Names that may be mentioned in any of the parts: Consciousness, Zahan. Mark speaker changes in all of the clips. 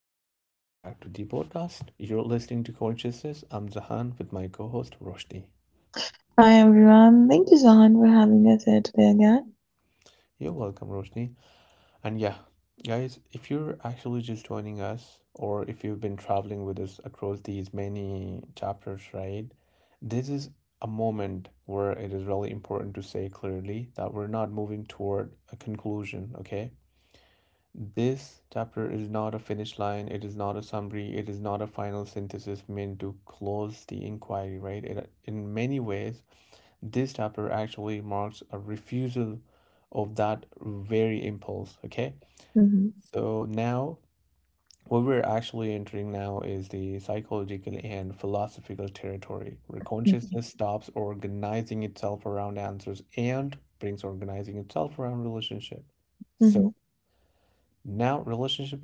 Speaker 1: and welcome back to the podcast. You're listening to Consciousness. I'm Zahan with my co host Roshni.
Speaker 2: Hi everyone, thank you Zahan for having us here today again.
Speaker 1: You're welcome, Roshni. And yeah, guys, if you're actually just joining us, or if you've been traveling with us across these many chapters, right, this is a moment where it is really important to say clearly that we're not moving toward a conclusion, okay? This chapter is not a finish line, it is not a summary, it is not a final synthesis meant to close the inquiry, right? It, in many ways, this chapter actually marks a refusal of that very impulse, okay?
Speaker 2: Mm-hmm.
Speaker 1: So now, what we're actually entering now is the psychological and philosophical territory, where consciousness stops organizing itself around answers and brings organizing itself around relationship. So
Speaker 2: Mm-hmm.
Speaker 1: now relationship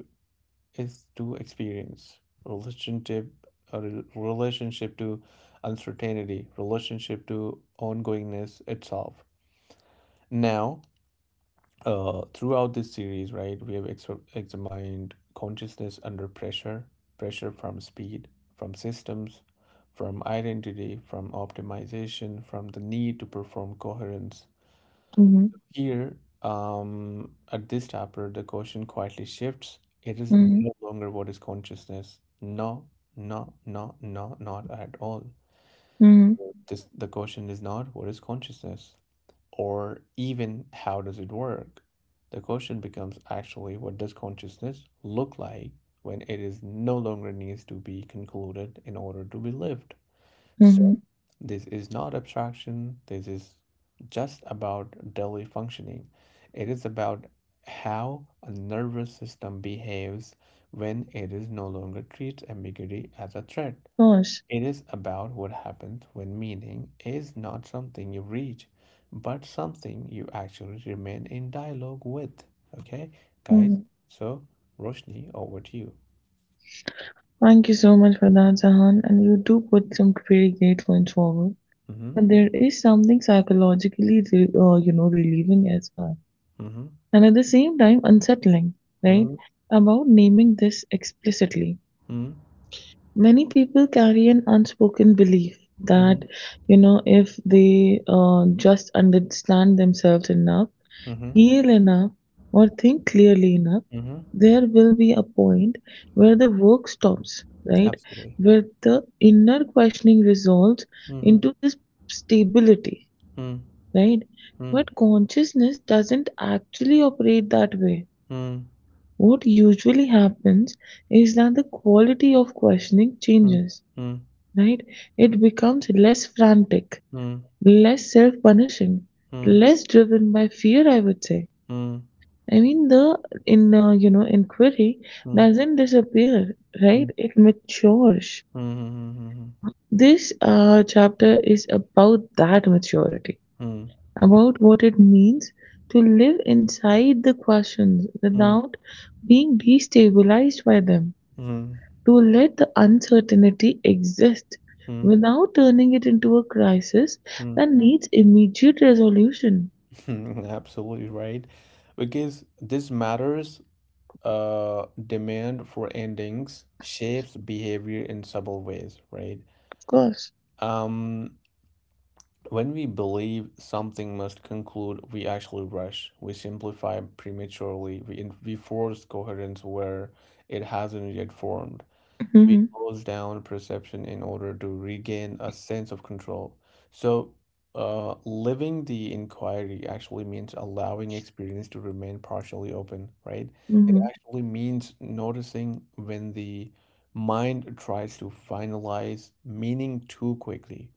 Speaker 1: is to experience relationship a relationship to uncertainty relationship to ongoingness itself now throughout this series, right, we have examined consciousness under pressure, pressure from speed, from systems, from identity, from optimization, from the need to perform coherence
Speaker 2: Mm-hmm.
Speaker 1: here. At this chapter, the question quietly shifts. It is no
Speaker 2: Mhm,
Speaker 1: longer what is consciousness. No, no, no, no not at all.
Speaker 2: mhm,
Speaker 1: This, the question is not what is consciousness or even how does it work. The question becomes actually what does consciousness look like when it is no longer needs to be concluded in order to be lived.
Speaker 2: mhm.
Speaker 1: This is not abstraction. This is just about daily functioning. It is about how a nervous system behaves when it is no longer treats ambiguity as a threat.
Speaker 2: Gosh.
Speaker 1: It is about what happens when meaning is not something you reach, but something you actually remain in dialogue with. Okay, guys?
Speaker 2: Mhm.
Speaker 1: So, Roshni, over to you.
Speaker 2: Thank you so much for that, Jahan. And you do put some pretty great points forward.
Speaker 1: Mm-hmm.
Speaker 2: But there is something psychologically, relieving as well,
Speaker 1: Mm-hmm.
Speaker 2: and at the same time unsettling, right?
Speaker 1: Mm-hmm.
Speaker 2: About naming this explicitly. Many people carry an unspoken belief
Speaker 1: Mm-hmm.
Speaker 2: that, if they just understand themselves enough,
Speaker 1: Mm-hmm.
Speaker 2: heal enough, or think clearly enough,
Speaker 1: Mm-hmm.
Speaker 2: there will be a point where the work stops, right?
Speaker 1: Absolutely.
Speaker 2: Where the inner questioning resolves
Speaker 1: Mm-hmm.
Speaker 2: into this stability,
Speaker 1: Hmm.
Speaker 2: right?
Speaker 1: Hmm.
Speaker 2: But consciousness doesn't actually operate that way.
Speaker 1: Hmm.
Speaker 2: What usually happens is that the quality of questioning
Speaker 1: Hmm.
Speaker 2: changes,
Speaker 1: Hmm.
Speaker 2: right? It becomes less frantic, less self punishing,
Speaker 1: Hmm.
Speaker 2: less driven by fear, I would say.
Speaker 1: Hmm.
Speaker 2: I mean, the in you know inquiry
Speaker 1: Hmm.
Speaker 2: doesn't disappear, right?
Speaker 1: Hmm.
Speaker 2: It matures.
Speaker 1: Hmm. Hmm. Hmm.
Speaker 2: This chapter is about that maturity,
Speaker 1: Hmm.
Speaker 2: about what it means to live inside the questions
Speaker 1: Hmm.
Speaker 2: without being destabilized by them,
Speaker 1: Hmm.
Speaker 2: to let the uncertainty exist
Speaker 1: Hmm.
Speaker 2: without turning it into a crisis
Speaker 1: Hmm.
Speaker 2: that needs immediate resolution.
Speaker 1: Absolutely right. Because this matters, demand for endings shapes behavior in subtle ways, right?
Speaker 2: Of course.
Speaker 1: Um, when we believe something must conclude, we actually rush, we simplify prematurely, we force coherence where it hasn't yet formed. We
Speaker 2: Mm-hmm.
Speaker 1: close down perception in order to regain a sense of control. So, living the inquiry actually means allowing experience to remain partially open, right? It
Speaker 2: Mm-hmm.
Speaker 1: actually means noticing when the mind tries to finalize meaning too quickly,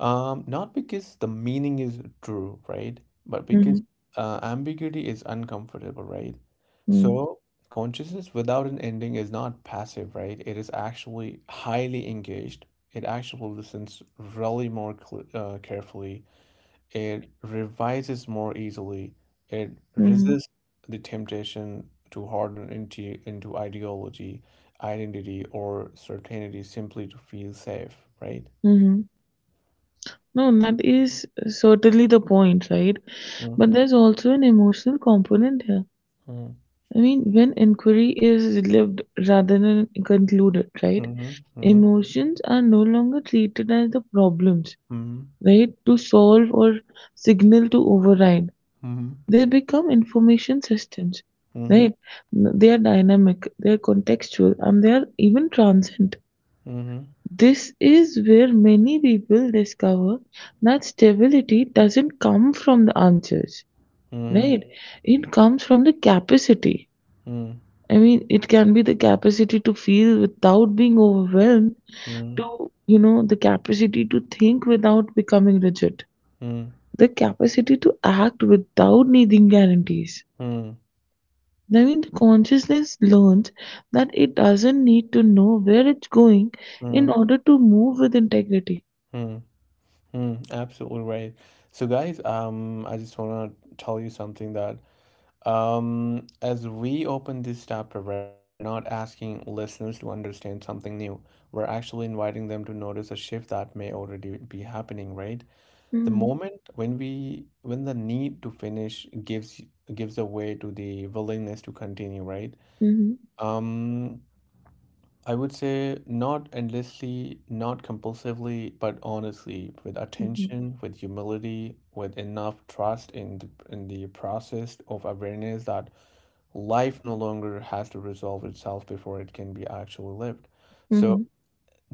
Speaker 1: not because the meaning is true, right? But
Speaker 2: Hmm.
Speaker 1: because ambiguity is uncomfortable, right?
Speaker 2: Hmm.
Speaker 1: So consciousness without an ending is not passive, right? It is actually highly engaged. It actually listens really more cl carefully. It revises more easily. It
Speaker 2: Hmm.
Speaker 1: resists the temptation to harden into ideology, identity, or certainty simply to feel safe, right?
Speaker 2: Hmm. No, and that is certainly the point, right? But there's also an emotional component here.
Speaker 1: Mm.
Speaker 2: I mean, when inquiry is lived rather than concluded, right?
Speaker 1: Mhm, mhm,
Speaker 2: Emotions are no longer treated as the problems,
Speaker 1: mhm,
Speaker 2: right? To solve or signal to override.
Speaker 1: mhm,
Speaker 2: They become information systems,
Speaker 1: mhm,
Speaker 2: right? They are dynamic, they are contextual, and they are even transient.
Speaker 1: mhm,
Speaker 2: This is where many people discover that stability doesn't come from the answers,
Speaker 1: mhm,
Speaker 2: right? It comes from the capacity.
Speaker 1: mhm,
Speaker 2: I mean, it can be the capacity to feel without being overwhelmed,
Speaker 1: mhm,
Speaker 2: to, you know, the capacity to think without becoming rigid,
Speaker 1: mhm,
Speaker 2: the capacity to act without needing guarantees.
Speaker 1: mhm,
Speaker 2: I mean, the consciousness learns that it doesn't need to know where it's going in
Speaker 1: mhm,
Speaker 2: order to move with integrity.
Speaker 1: mhm, mhm. Absolutely right. So, guys, I just wanna tell you something that, as we open this chapter, right, we're not asking listeners to understand something new. We're actually inviting them to notice a shift that may already be happening, right? The
Speaker 2: Mhm,
Speaker 1: moment when we when the need to finish gives away to the willingness to continue, right?
Speaker 2: mhm,
Speaker 1: Um, I would say not endlessly, not compulsively, but honestly, with
Speaker 2: mhm,
Speaker 1: attention, with humility, with enough trust in the process of awareness that life no longer has to resolve itself before it can be actually lived. So
Speaker 2: mhm,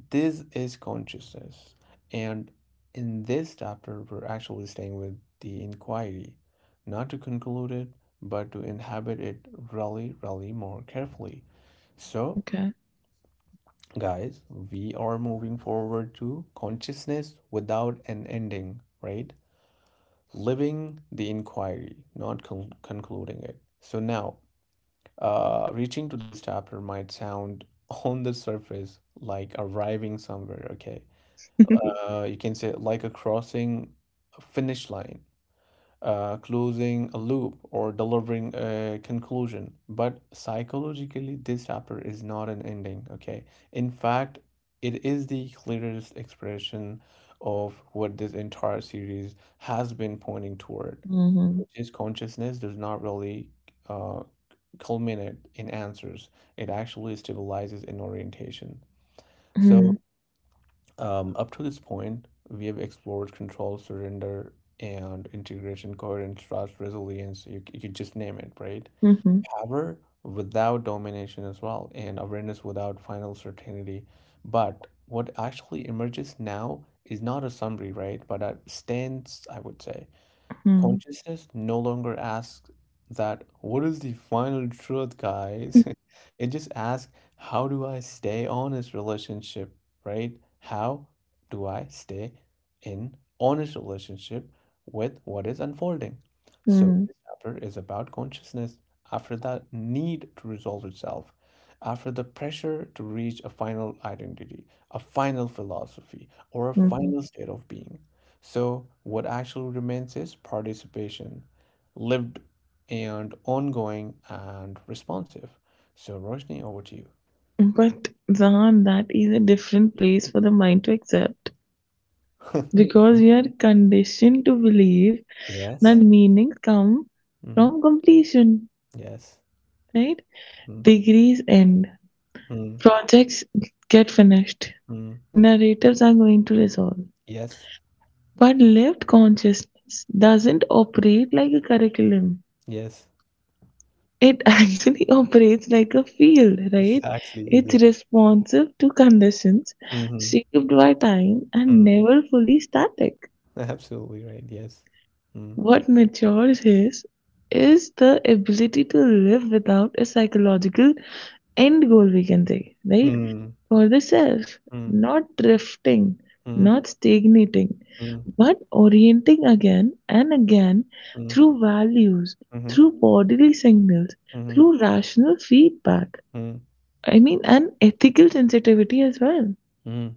Speaker 1: this is consciousness. And in this chapter, we're actually staying with the inquiry, not to conclude it, but to inhabit it really, really more carefully. So
Speaker 2: okay.
Speaker 1: guys, we are moving forward to consciousness without an ending, right, living the inquiry, not concluding it. So now reaching to this chapter might sound on the surface like arriving somewhere, okay, you can say like a crossing, a finish line, closing a loop or delivering a conclusion. But psychologically, this chapter is not an ending, okay? In fact, it is the clearest expression of what this entire series has been pointing toward,
Speaker 2: Mhm,
Speaker 1: which is consciousness does not really uh, culminate in answers, it actually stabilizes in orientation. So,
Speaker 2: mhm,
Speaker 1: up to this point, we have explored control, surrender, and integration, coherence, trust, resilience. You could just name it, right?
Speaker 2: mhm,
Speaker 1: Power without domination as well, and awareness without final certainty. But what actually emerges now is not a summary, right? But a stance, I would say.
Speaker 2: mhm,
Speaker 1: Consciousness no longer asks that, what is the final truth, guys? It just asks, how do I stay honest relationship, right? How do I stay in honest relationship with what is unfolding? So
Speaker 2: mhm,
Speaker 1: this chapter is about consciousness after that need to resolve itself, after the pressure to reach a final identity, a final philosophy, or a
Speaker 2: mhm.
Speaker 1: final state of being. So, what actually remains is participation, lived and ongoing and responsive. So, Roshni, over to you.
Speaker 2: But Zahan, that is a different place for the mind to accept because
Speaker 1: Mhm.
Speaker 2: we are conditioned to believe that
Speaker 1: Yes,
Speaker 2: meanings come
Speaker 1: hmm.
Speaker 2: from completion,
Speaker 1: Yes.
Speaker 2: right? Degrees end,
Speaker 1: Mm-hmm.
Speaker 2: projects get finished, narratives are going to resolve.
Speaker 1: Yes.
Speaker 2: But lived consciousness doesn't operate like a curriculum.
Speaker 1: Yes.
Speaker 2: It actually operates like a field, right?
Speaker 1: Exactly,
Speaker 2: It's
Speaker 1: exactly.
Speaker 2: responsive to conditions,
Speaker 1: Mm-hmm.
Speaker 2: shaped by time, and
Speaker 1: Mm.
Speaker 2: never fully static.
Speaker 1: Absolutely right. Yes. Mm.
Speaker 2: What matures is the ability to live without a psychological end goal we can take, right?
Speaker 1: Mm.
Speaker 2: For the self,
Speaker 1: Mm.
Speaker 2: not drifting, not stagnating,
Speaker 1: Mm.
Speaker 2: but orienting again and again
Speaker 1: Mm.
Speaker 2: through values,
Speaker 1: Mm.
Speaker 2: through bodily signals,
Speaker 1: Mm-hmm.
Speaker 2: through rational feedback.
Speaker 1: Mm-hmm. Mm.
Speaker 2: I mean, and ethical sensitivity as well.
Speaker 1: Mm.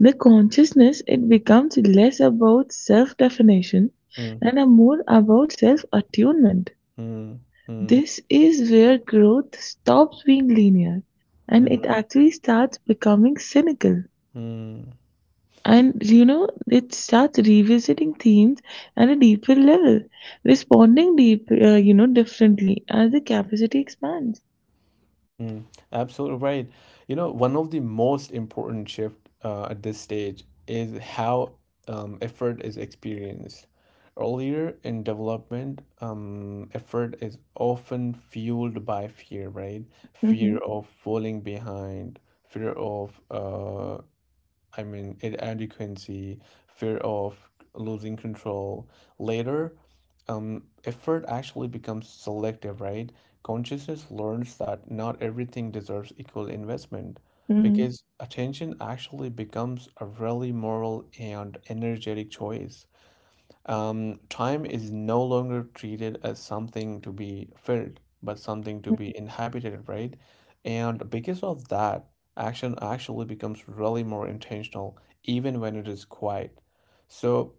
Speaker 2: The consciousness, it becomes less about self definition
Speaker 1: Mm.
Speaker 2: and a more about self attunement.
Speaker 1: Mm. Mm.
Speaker 2: This is where growth stops being linear, and it
Speaker 1: Mm.
Speaker 2: actually starts becoming cynical.
Speaker 1: Mm.
Speaker 2: And you know, it starts revisiting themes at a deeper level, responding differently as the capacity expands.
Speaker 1: Mm, absolutely right. You know, one of the most important shift at this stage is how effort is experienced. Earlier in development, effort is often fueled by fear, right? Fear
Speaker 2: Hmm.
Speaker 1: of falling behind, fear of inadequacy, fear of losing control. Later, effort actually becomes selective, right? Consciousness learns that not everything deserves equal investment because attention actually becomes a really moral and energetic choice. Time is no longer treated as something to be filled, but something to be inhabited, right? And because of that, action actually becomes really more intentional, even when it is quiet. So,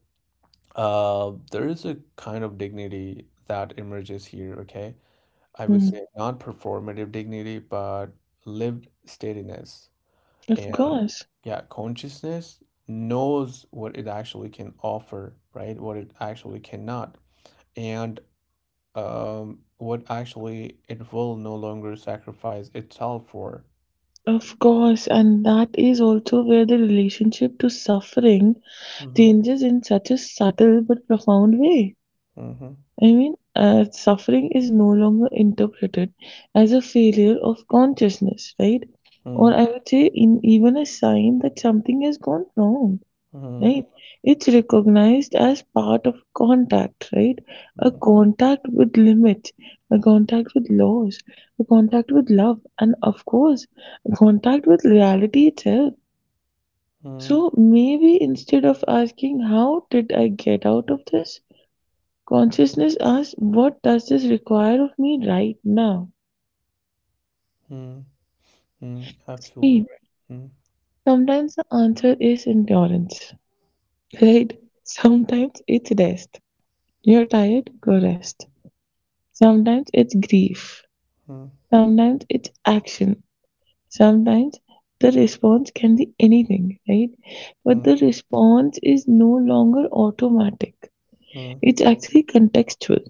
Speaker 1: there is a kind of dignity that emerges here, okay? I would
Speaker 2: Hmm.
Speaker 1: say not performative dignity, but lived steadiness.
Speaker 2: Of
Speaker 1: And
Speaker 2: course.
Speaker 1: yeah, consciousness knows what it actually can offer, right? What it actually cannot, and what actually it will no longer sacrifice itself for.
Speaker 2: Of course, and that is also where the relationship to suffering
Speaker 1: Hmm.
Speaker 2: changes in such a subtle but profound way.
Speaker 1: Mm-hmm.
Speaker 2: I mean, suffering is no longer interpreted as a failure of consciousness, right? Or
Speaker 1: Mm-hmm.
Speaker 2: I would say, in, even a sign that something has gone wrong,
Speaker 1: Mm-hmm.
Speaker 2: right? It's recognized as part of contact, right? A contact with limits, a contact with laws, a contact with love, and of course, a contact with reality itself.
Speaker 1: Mm-hmm.
Speaker 2: So maybe instead of asking, How did I get out of this? Consciousness asks, What does this require of me right now?
Speaker 1: Mm-hmm. Mm-hmm. Absolutely
Speaker 2: See,
Speaker 1: right.
Speaker 2: sometimes the answer is endurance, right? Sometimes it's rest. You're tired, go rest. Sometimes it's grief,
Speaker 1: Mm-hmm.
Speaker 2: sometimes it's action, sometimes the response can be anything, right? But
Speaker 1: Mm-hmm.
Speaker 2: the response is no longer automatic.
Speaker 1: Mm-hmm.
Speaker 2: It's actually contextual.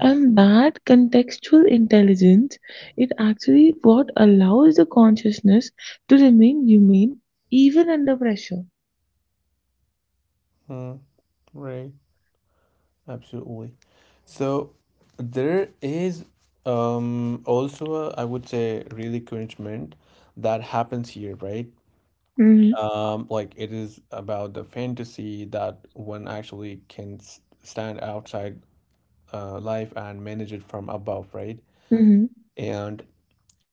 Speaker 2: And that contextual intelligence it actually what allows the consciousness to remain humane even under pressure.
Speaker 1: Mm-hmm. Right. Absolutely. So there is also a, I would say really encouragement that happens here, right?
Speaker 2: Hmm.
Speaker 1: Like it is about the fantasy that one actually can stand outside life and manage it from above, right?
Speaker 2: Hmm.
Speaker 1: And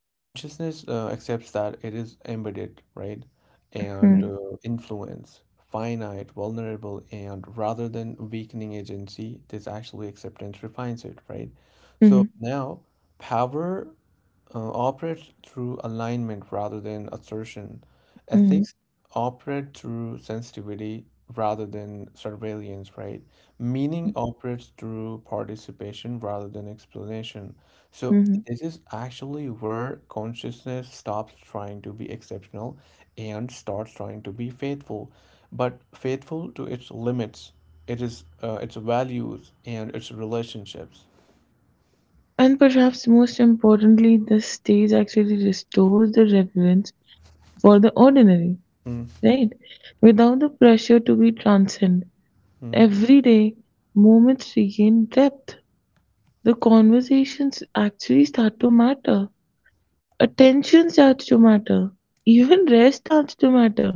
Speaker 1: consciousness accepts that it is embedded, right? And
Speaker 2: Hmm.
Speaker 1: influence, finite, vulnerable, and rather than weakening agency, this actually acceptance refines it, right? So
Speaker 2: Mhm,
Speaker 1: now power operate through alignment rather than assertion.
Speaker 2: mhm,
Speaker 1: Ethics operate through sensitivity rather than surveillance, right? Meaning operates through participation rather than explanation. So,
Speaker 2: mhm.
Speaker 1: this is actually where consciousness stops trying to be exceptional and starts trying to be faithful, but faithful to its limits, it is its values and its relationships.
Speaker 2: And perhaps most importantly, the stage actually restores the reverence for the ordinary,
Speaker 1: Mm,
Speaker 2: right? Without the pressure to be transcend,
Speaker 1: mm,
Speaker 2: every day moments regain depth. The conversations actually start to matter. Attention starts to matter. Even rest starts to matter.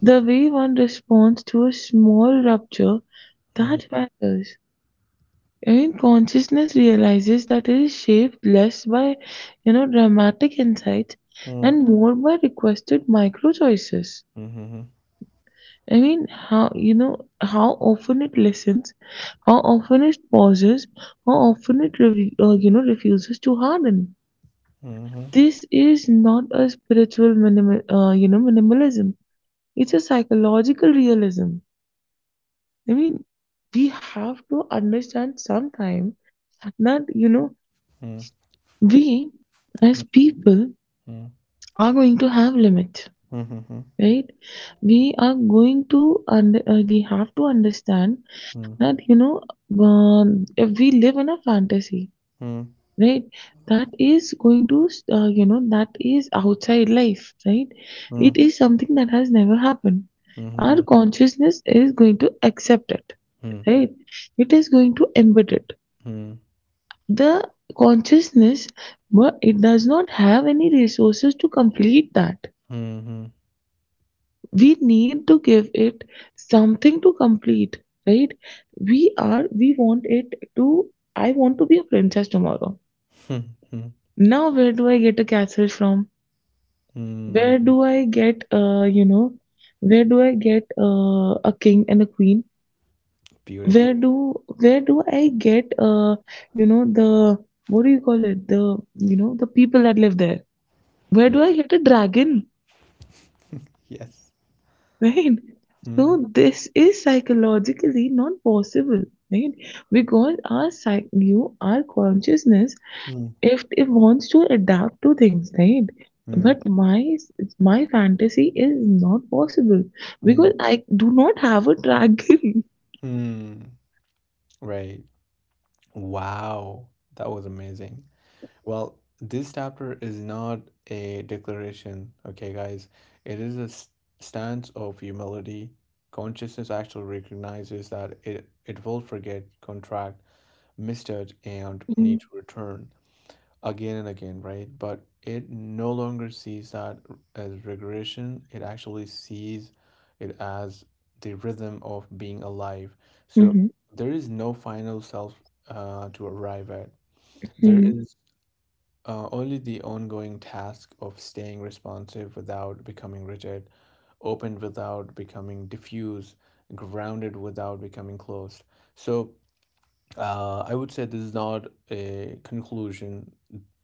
Speaker 2: The way one responds to a small rupture,
Speaker 1: mhm,
Speaker 2: that matters. And consciousness realizes that it is shaped less by, you know, dramatic insights
Speaker 1: mm,
Speaker 2: and more by requested micro choices.
Speaker 1: mhm,
Speaker 2: I mean, how, you know, how often it listens, how often it pauses, how often it, refuses to harden.
Speaker 1: mhm,
Speaker 2: This is not a spiritual minimalism. It's a psychological realism. I mean, we have to understand sometime that, you know,
Speaker 1: mm,
Speaker 2: we as
Speaker 1: mm,
Speaker 2: people
Speaker 1: mm,
Speaker 2: are going to have limits,
Speaker 1: mhm,
Speaker 2: right? We are going to we have to understand
Speaker 1: mhm,
Speaker 2: that, you know, if we live in a fantasy,
Speaker 1: mm,
Speaker 2: right, that is going to that is outside life, right,
Speaker 1: mm,
Speaker 2: it
Speaker 1: mm,
Speaker 2: is something that has never happened. Our
Speaker 1: mhm,
Speaker 2: consciousness is going to accept it,
Speaker 1: mhm,
Speaker 2: right, it is going to embed it.
Speaker 1: mm,
Speaker 2: The consciousness, but it does not have any resources to complete that.
Speaker 1: mhm, mhm.
Speaker 2: We need to give it something to complete, right? We are, we want it to, I want to be a princess tomorrow.
Speaker 1: Hmm.
Speaker 2: Now, where do I get a castle from?
Speaker 1: Hmm.
Speaker 2: Where do I get, where do I get a king and a queen?
Speaker 1: Beautiful.
Speaker 2: Where do I get, the, what do you call it? The, you know, the people that live there, where do
Speaker 1: Yes.
Speaker 2: I hit a dragon?
Speaker 1: Yes.
Speaker 2: Right?
Speaker 1: Mm,
Speaker 2: So this is psychologically not possible, right? Because our consciousness,
Speaker 1: mm,
Speaker 2: if it wants to adapt to things, right?
Speaker 1: mm,
Speaker 2: But my fantasy is not possible
Speaker 1: mm,
Speaker 2: because I do not have a dragon.
Speaker 1: mm. Right. Wow. That was amazing. Well, this chapter is not a declaration, okay, guys? It is a stance of humility. Consciousness actually recognizes that it will forget, contract, mistouch, and need
Speaker 2: Mhm,
Speaker 1: to return again and again, right? But it no longer sees that as regression. It actually sees it as the rhythm of being alive. So
Speaker 2: mhm,
Speaker 1: there is no final self to arrive at. There
Speaker 2: mhm,
Speaker 1: is only the ongoing task of staying responsive without becoming rigid, open without becoming diffuse, grounded without becoming closed. So I would say this is not a conclusion.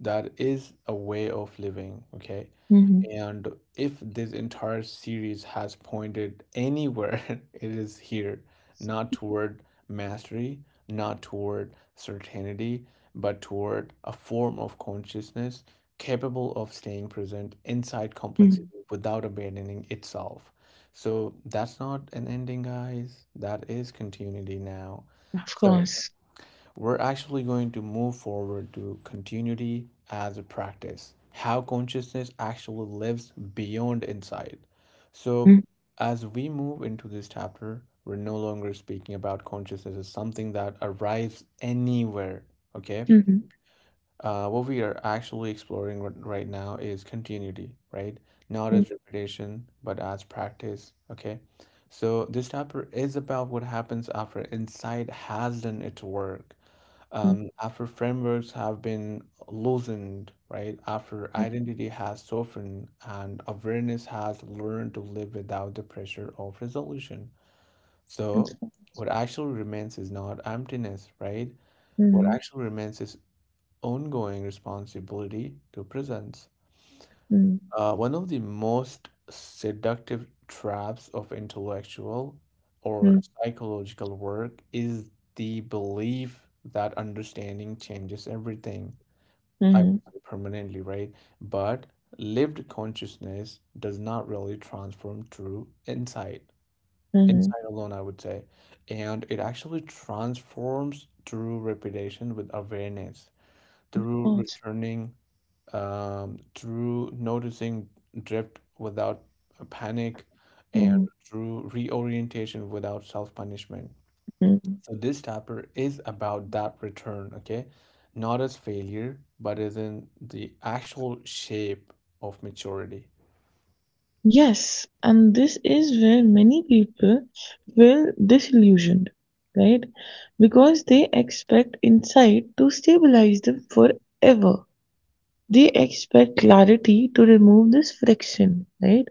Speaker 1: That is a way of living, okay?
Speaker 2: mhm,
Speaker 1: And if this entire series has pointed anywhere, it is here, not toward mastery, not toward certainty, but toward a form of consciousness capable of staying present inside complexity
Speaker 2: mhm.
Speaker 1: without abandoning itself. So that's not an ending, guys. That is continuity now.
Speaker 2: Of
Speaker 1: So
Speaker 2: course.
Speaker 1: we're actually going to move forward to continuity as a practice, how consciousness actually lives beyond insight. So,
Speaker 2: Mhm,
Speaker 1: as we move into this chapter, we're no longer speaking about consciousness as something that arrives anywhere, okay?
Speaker 2: mhm,
Speaker 1: What we are actually exploring right now is continuity, right? Not
Speaker 2: mhm,
Speaker 1: as repetition, but as practice, okay? So, this chapter is about what happens after insight has done its work,
Speaker 2: mhm,
Speaker 1: after frameworks have been loosened, right? After
Speaker 2: mhm.
Speaker 1: identity has softened and awareness has learned to live without the pressure of resolution.
Speaker 2: It's
Speaker 1: So,
Speaker 2: fine.
Speaker 1: what actually remains is not emptiness, right? What
Speaker 2: Mhm,
Speaker 1: actually remains is ongoing responsibility to presence.
Speaker 2: mhm,
Speaker 1: One of the most seductive traps of intellectual or
Speaker 2: mhm,
Speaker 1: psychological work is the belief that understanding changes everything. I would
Speaker 2: mhm,
Speaker 1: say permanently, right? But lived consciousness does not really transform through insight.
Speaker 2: mhm.
Speaker 1: Insight alone, I would say. And it actually transforms through repetition with awareness,
Speaker 2: Of
Speaker 1: through
Speaker 2: course.
Speaker 1: returning, through noticing drift without a panic, and
Speaker 2: Mhm.
Speaker 1: through reorientation without self-punishment.
Speaker 2: Mm.
Speaker 1: So this chapter is about that return, okay? Not as failure, but as in the actual shape of maturity.
Speaker 2: Yes, and this is where many people feel disillusioned, right? Because they expect insight to stabilize them forever. They expect clarity to remove this friction, right?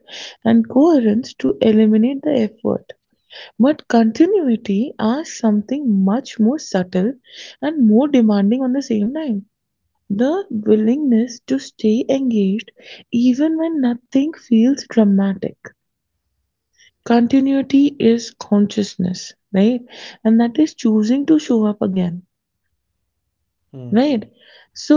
Speaker 2: And coherence to eliminate the effort. But continuity asks something much more subtle and more demanding on the same time. The willingness to stay engaged even when nothing feels dramatic, continuity is consciousness, right? And that is choosing to show up again,
Speaker 1: Mm.
Speaker 2: right? So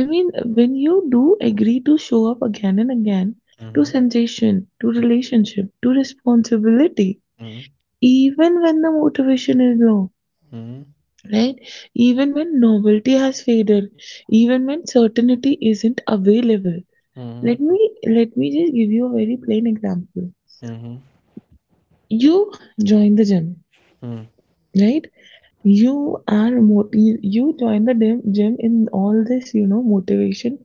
Speaker 2: I mean, when you do agree to show up again and again, to
Speaker 1: Mm-hmm.
Speaker 2: sensation, to relationship, to responsibility,
Speaker 1: Mm.
Speaker 2: even when the motivation is low,
Speaker 1: Mm.
Speaker 2: right, even when novelty has faded, even when certainty isn't available. let
Speaker 1: Mm.
Speaker 2: me let me just give you a very plain example.
Speaker 1: Mm.
Speaker 2: You join the gym,
Speaker 1: Mm.
Speaker 2: right? You are you join the gym in all this, you know, motivation.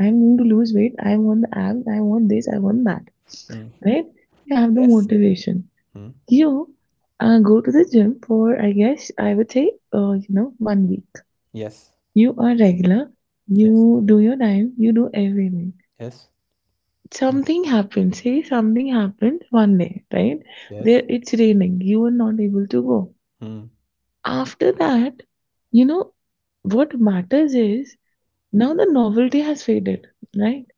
Speaker 2: I'm going to lose weight. I want the abs. I want this. I want that.
Speaker 1: Mm.
Speaker 2: Right? You have the
Speaker 1: Yes.
Speaker 2: motivation.
Speaker 1: Mm.
Speaker 2: You go to the gym for, I guess, I would say, one week.
Speaker 1: Yes.
Speaker 2: You are regular.
Speaker 1: Yes.
Speaker 2: You do your time. You do everything.
Speaker 1: Yes. Mm.
Speaker 2: Something happens. Say something happens one day, right? There
Speaker 1: Yes.
Speaker 2: it's raining. You are not able to go.
Speaker 1: Mm.
Speaker 2: After that, you know, what matters is now the novelty has faded, right?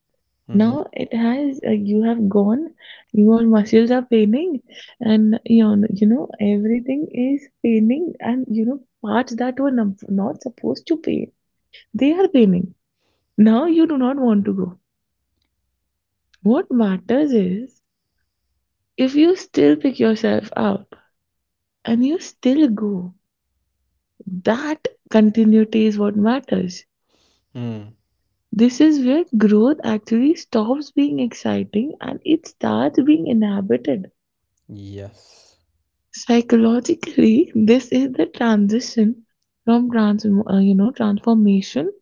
Speaker 1: Mm-hmm.
Speaker 2: Now it has, you have gone, your muscles are paining, and you know, everything is paining, and you know, parts that were not supposed to pain, they are paining. Now you do not want to go. What matters is if you still pick yourself up and you still go, that continuity is what matters.
Speaker 1: Mm.
Speaker 2: This is where growth actually stops being exciting and it starts being inhabited.
Speaker 1: Yes.
Speaker 2: Psychologically, this is the transition from transformation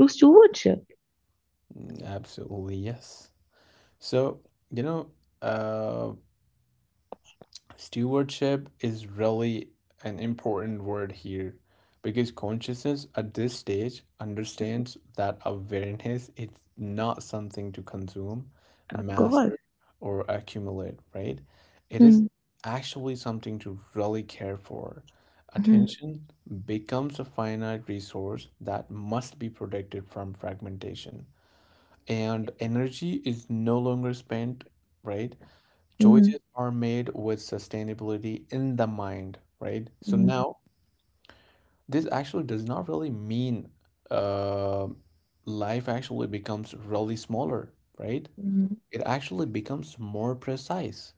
Speaker 2: to stewardship.
Speaker 1: Mm, absolutely yes. So, you know, uh stewardship is really an important word here because consciousness at this stage understands that awareness is not something to consume,
Speaker 2: Of course.
Speaker 1: master, or accumulate, right? It is
Speaker 2: Mm,
Speaker 1: actually something to really care for.
Speaker 2: mhm,
Speaker 1: Attention becomes a finite resource that must be protected from fragmentation. And energy is no longer spent, right?
Speaker 2: mhm,
Speaker 1: Choices are made with sustainability in the mind, right? So
Speaker 2: mhm,
Speaker 1: now this actually does not really mean uh, life actually becomes really smaller, right?
Speaker 2: mhm,
Speaker 1: It actually becomes more precise.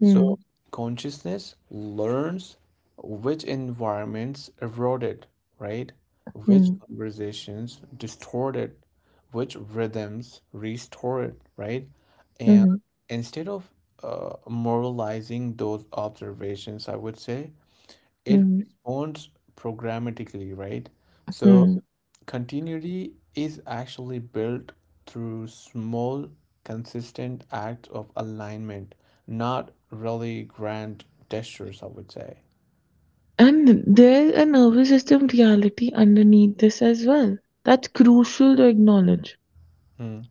Speaker 2: mhm,
Speaker 1: So consciousness learns which environments eroded, right? Which
Speaker 2: mhm,
Speaker 1: conversations distorted, which rhythms restored, right? And
Speaker 2: mhm,
Speaker 1: instead of moralizing those observations, I would say it
Speaker 2: mhm,
Speaker 1: responds programmatically, right? So
Speaker 2: mhm.
Speaker 1: continuity is actually built through small, consistent acts of alignment, not really grand gestures, I would say.
Speaker 2: And there's a nervous system reality underneath this as well. That's crucial to acknowledge.
Speaker 1: Mm,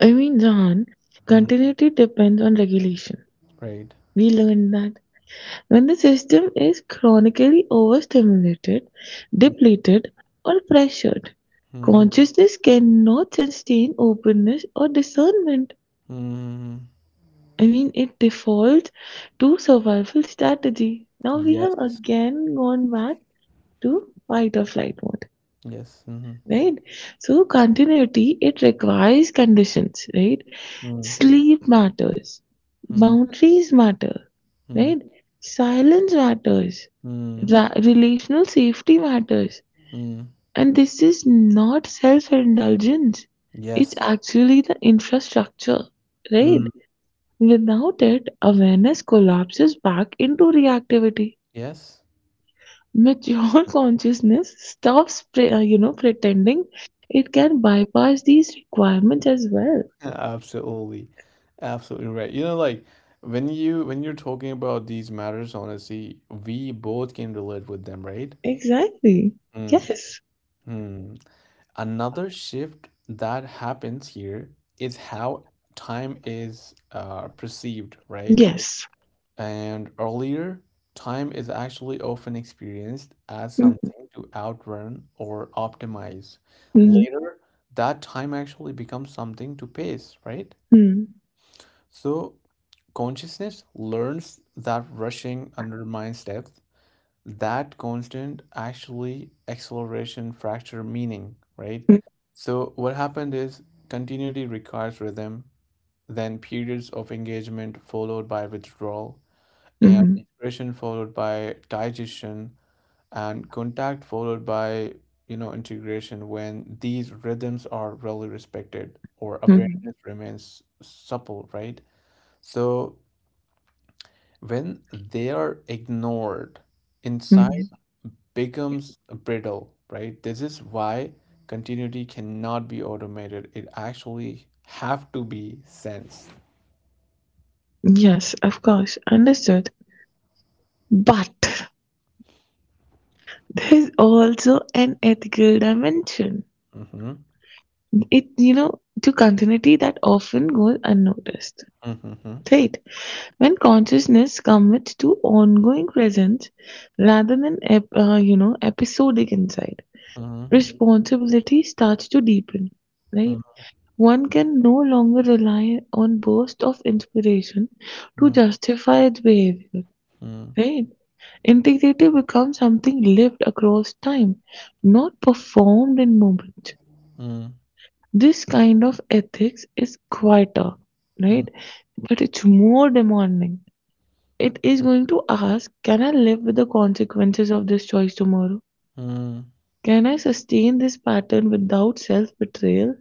Speaker 2: I mean, Zahan,
Speaker 1: mhm,
Speaker 2: continuity depends on regulation.
Speaker 1: right.
Speaker 2: We learned that when the system is chronically overstimulated, depleted, or pressured,
Speaker 1: Mm-hmm.
Speaker 2: consciousness cannot sustain openness or discernment.
Speaker 1: Mm-hmm.
Speaker 2: I mean, it defaults to survival strategy. Now we have
Speaker 1: Yes.
Speaker 2: again gone back to fight or flight mode,
Speaker 1: Yes. Mm-hmm.
Speaker 2: right? So continuity, it requires conditions, right?
Speaker 1: Mm,
Speaker 2: Sleep matters,
Speaker 1: mm,
Speaker 2: boundaries matter,
Speaker 1: mm,
Speaker 2: right? Silence matters,
Speaker 1: mm,
Speaker 2: Relational safety matters,
Speaker 1: mm.
Speaker 2: and this is not self indulgence, it's
Speaker 1: Yes.
Speaker 2: actually the infrastructure, right?
Speaker 1: Mm.
Speaker 2: Without it, awareness collapses back into reactivity.
Speaker 1: Yes.
Speaker 2: Mature consciousness stops, pretending it can bypass these requirements as well.
Speaker 1: Absolutely. Absolutely right. You know, like when you're talking about these matters, honestly, we both can relate with them, right?
Speaker 2: Exactly.
Speaker 1: Mm,
Speaker 2: Yes.
Speaker 1: mm. Another shift that happens here is how time is perceived, right?
Speaker 2: Yes.
Speaker 1: And earlier, time is actually often experienced as
Speaker 2: Mhm.
Speaker 1: something to outrun or optimize. Later, that time actually becomes something to pace, right?
Speaker 2: Mhm.
Speaker 1: So, consciousness learns that rushing undermines depth that constant actually acceleration fracture meaning, right?
Speaker 2: Mhm.
Speaker 1: So what happened is continuity requires rhythm, then periods of engagement followed by withdrawal, and expression followed by digestion, and contact followed by you know integration. When these rhythms are really respected, or
Speaker 2: Mhm.
Speaker 1: awareness remains supple, right? So when they are ignored, insight
Speaker 2: Mhm.
Speaker 1: becomes brittle, right? This is why continuity cannot be automated. It actually have to be sensed.
Speaker 2: Yes, of course. Understood. But there is also an ethical dimension.
Speaker 1: Mm-hmm.
Speaker 2: It, you know, to continuity that often goes unnoticed.
Speaker 1: Mm-hmm.
Speaker 2: Right. When consciousness commits to ongoing presence rather than episodic insight,
Speaker 1: Mm-hmm.
Speaker 2: responsibility starts to deepen. Right.
Speaker 1: Mm-hmm.
Speaker 2: One can no longer rely on bursts of inspiration to justify its behavior.
Speaker 1: Mm-hmm.
Speaker 2: Right. Integrity becomes something lived across time, not performed in moments. This kind of ethics is quieter, right? But it's more demanding. It is going to ask, Can I live with the consequences of this choice tomorrow?
Speaker 1: Mm-hmm.
Speaker 2: Can I sustain this pattern without self betrayal?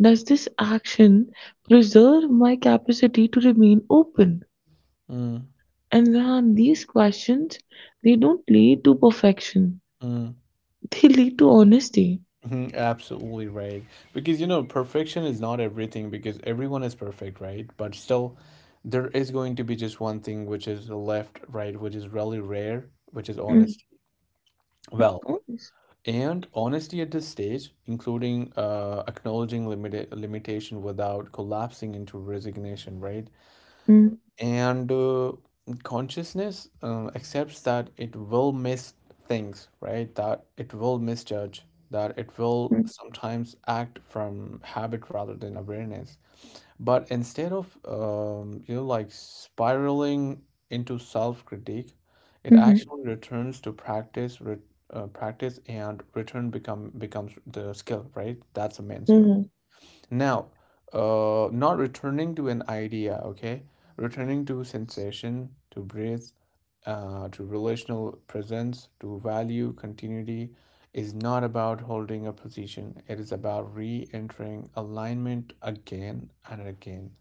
Speaker 2: Does this action preserve my capacity to remain open?
Speaker 1: Mm-hmm. Mm-hmm.
Speaker 2: And Rehan, these questions, they don't lead to perfection, they lead to honesty.
Speaker 1: Absolutely right. Because you know, perfection is not everything because everyone is perfect, right? But still, there is going to be just one thing which is left, right, which is really rare, which is
Speaker 2: Mm,
Speaker 1: honest.
Speaker 2: of
Speaker 1: Well,
Speaker 2: course.
Speaker 1: and honesty at this stage, including acknowledging limitation without collapsing into resignation, right?
Speaker 2: Mm,
Speaker 1: And consciousness accepts that it will miss things, right? That it will misjudge, that it will
Speaker 2: mm,
Speaker 1: sometimes act from habit rather than awareness. But instead of spiraling into self-critique, it
Speaker 2: mhm.
Speaker 1: actually returns to practice, and return becomes the skill, right? That's the main skill.
Speaker 2: Mm-hmm.
Speaker 1: Now, not returning to an idea, okay? Returning to sensation, to breathe, to relational presence, to value continuity is not about holding a position. It is about re-entering alignment again and again.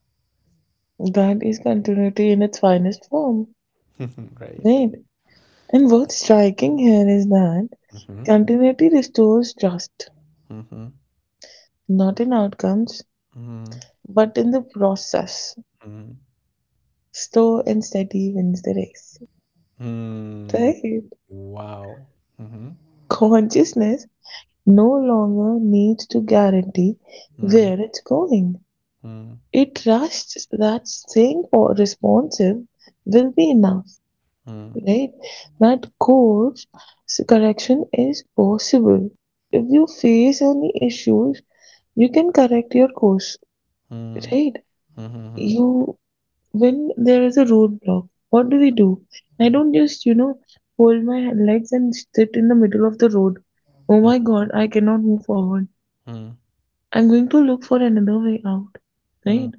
Speaker 2: That is continuity in its finest form.
Speaker 1: Right.
Speaker 2: Right. And what's striking here is that
Speaker 1: Mm-hmm.
Speaker 2: continuity restores trust,
Speaker 1: Mm-hmm.
Speaker 2: not in outcomes,
Speaker 1: Mm-hmm.
Speaker 2: but in the process. Slow and steady wins the race.
Speaker 1: Mm-hmm.
Speaker 2: Right.
Speaker 1: Wow. Mm-hmm.
Speaker 2: Consciousness no longer needs to guarantee where it's going.
Speaker 1: Mm-hmm.
Speaker 2: It trusts that responsive will be enough, right? That course correction is possible. If you face any issues, you can correct your course,
Speaker 1: Mm-hmm.
Speaker 2: right?
Speaker 1: Mm-hmm.
Speaker 2: You, when there is a roadblock, what do we do? I
Speaker 1: Mm-hmm.
Speaker 2: don't just, you know, fold my legs and sit in the middle of the road. Oh my God, I cannot move forward. I'm going to look for another way out, right?
Speaker 1: Mm-hmm.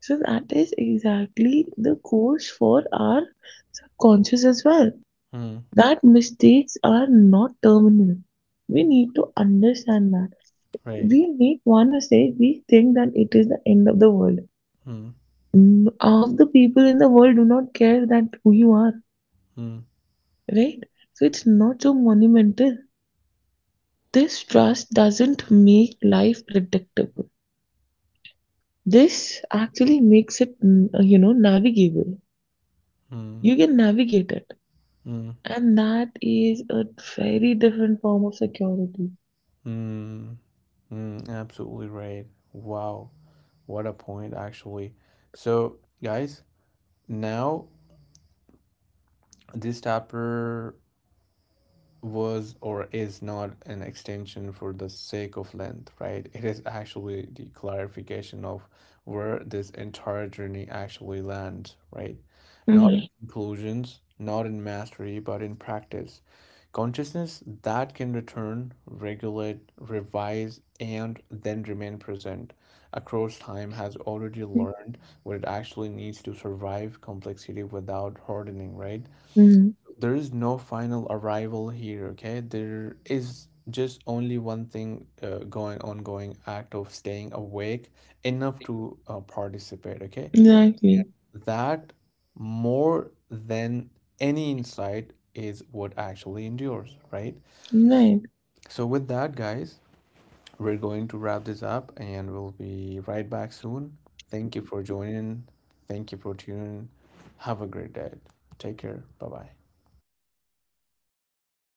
Speaker 2: So that is exactly the course for our subconscious as well.
Speaker 1: Mm-hmm.
Speaker 2: That mistakes are not terminal. We need to understand that.
Speaker 1: Right.
Speaker 2: We make one mistake, we think that it is the end of the world.
Speaker 1: Mm-hmm.
Speaker 2: Mm. Half the people in the world do not care that who you are, right? So it's not so monumental. This trust doesn't make life predictable. This actually makes it, mm, you know, navigable. You can navigate it.
Speaker 1: Mm-hmm.
Speaker 2: And that is a very different form of security.
Speaker 1: Mm-hmm. Absolutely right. Wow. What a point, actually. So, guys, now this chapter was or is not an extension for the sake of length, right? It is actually the clarification of where this entire journey actually lands, right? Not
Speaker 2: Hmm.
Speaker 1: in conclusions, not in mastery, but in practice. Consciousness that can return, regulate, revise, and then remain present across time has already learned what it actually needs to survive complexity without hardening, right?
Speaker 2: Hmm.
Speaker 1: There is no final arrival here, okay? There is just only one thing, going ongoing act of staying awake enough to participate, okay?
Speaker 2: Exactly.
Speaker 1: That, more than any insight, is what actually endures, right?
Speaker 2: Right.
Speaker 1: So with that, guys, we're going to wrap this up, and we'll be right back soon. Thank you for joining. Thank you for tuning. Have a great day. Take care. Bye bye.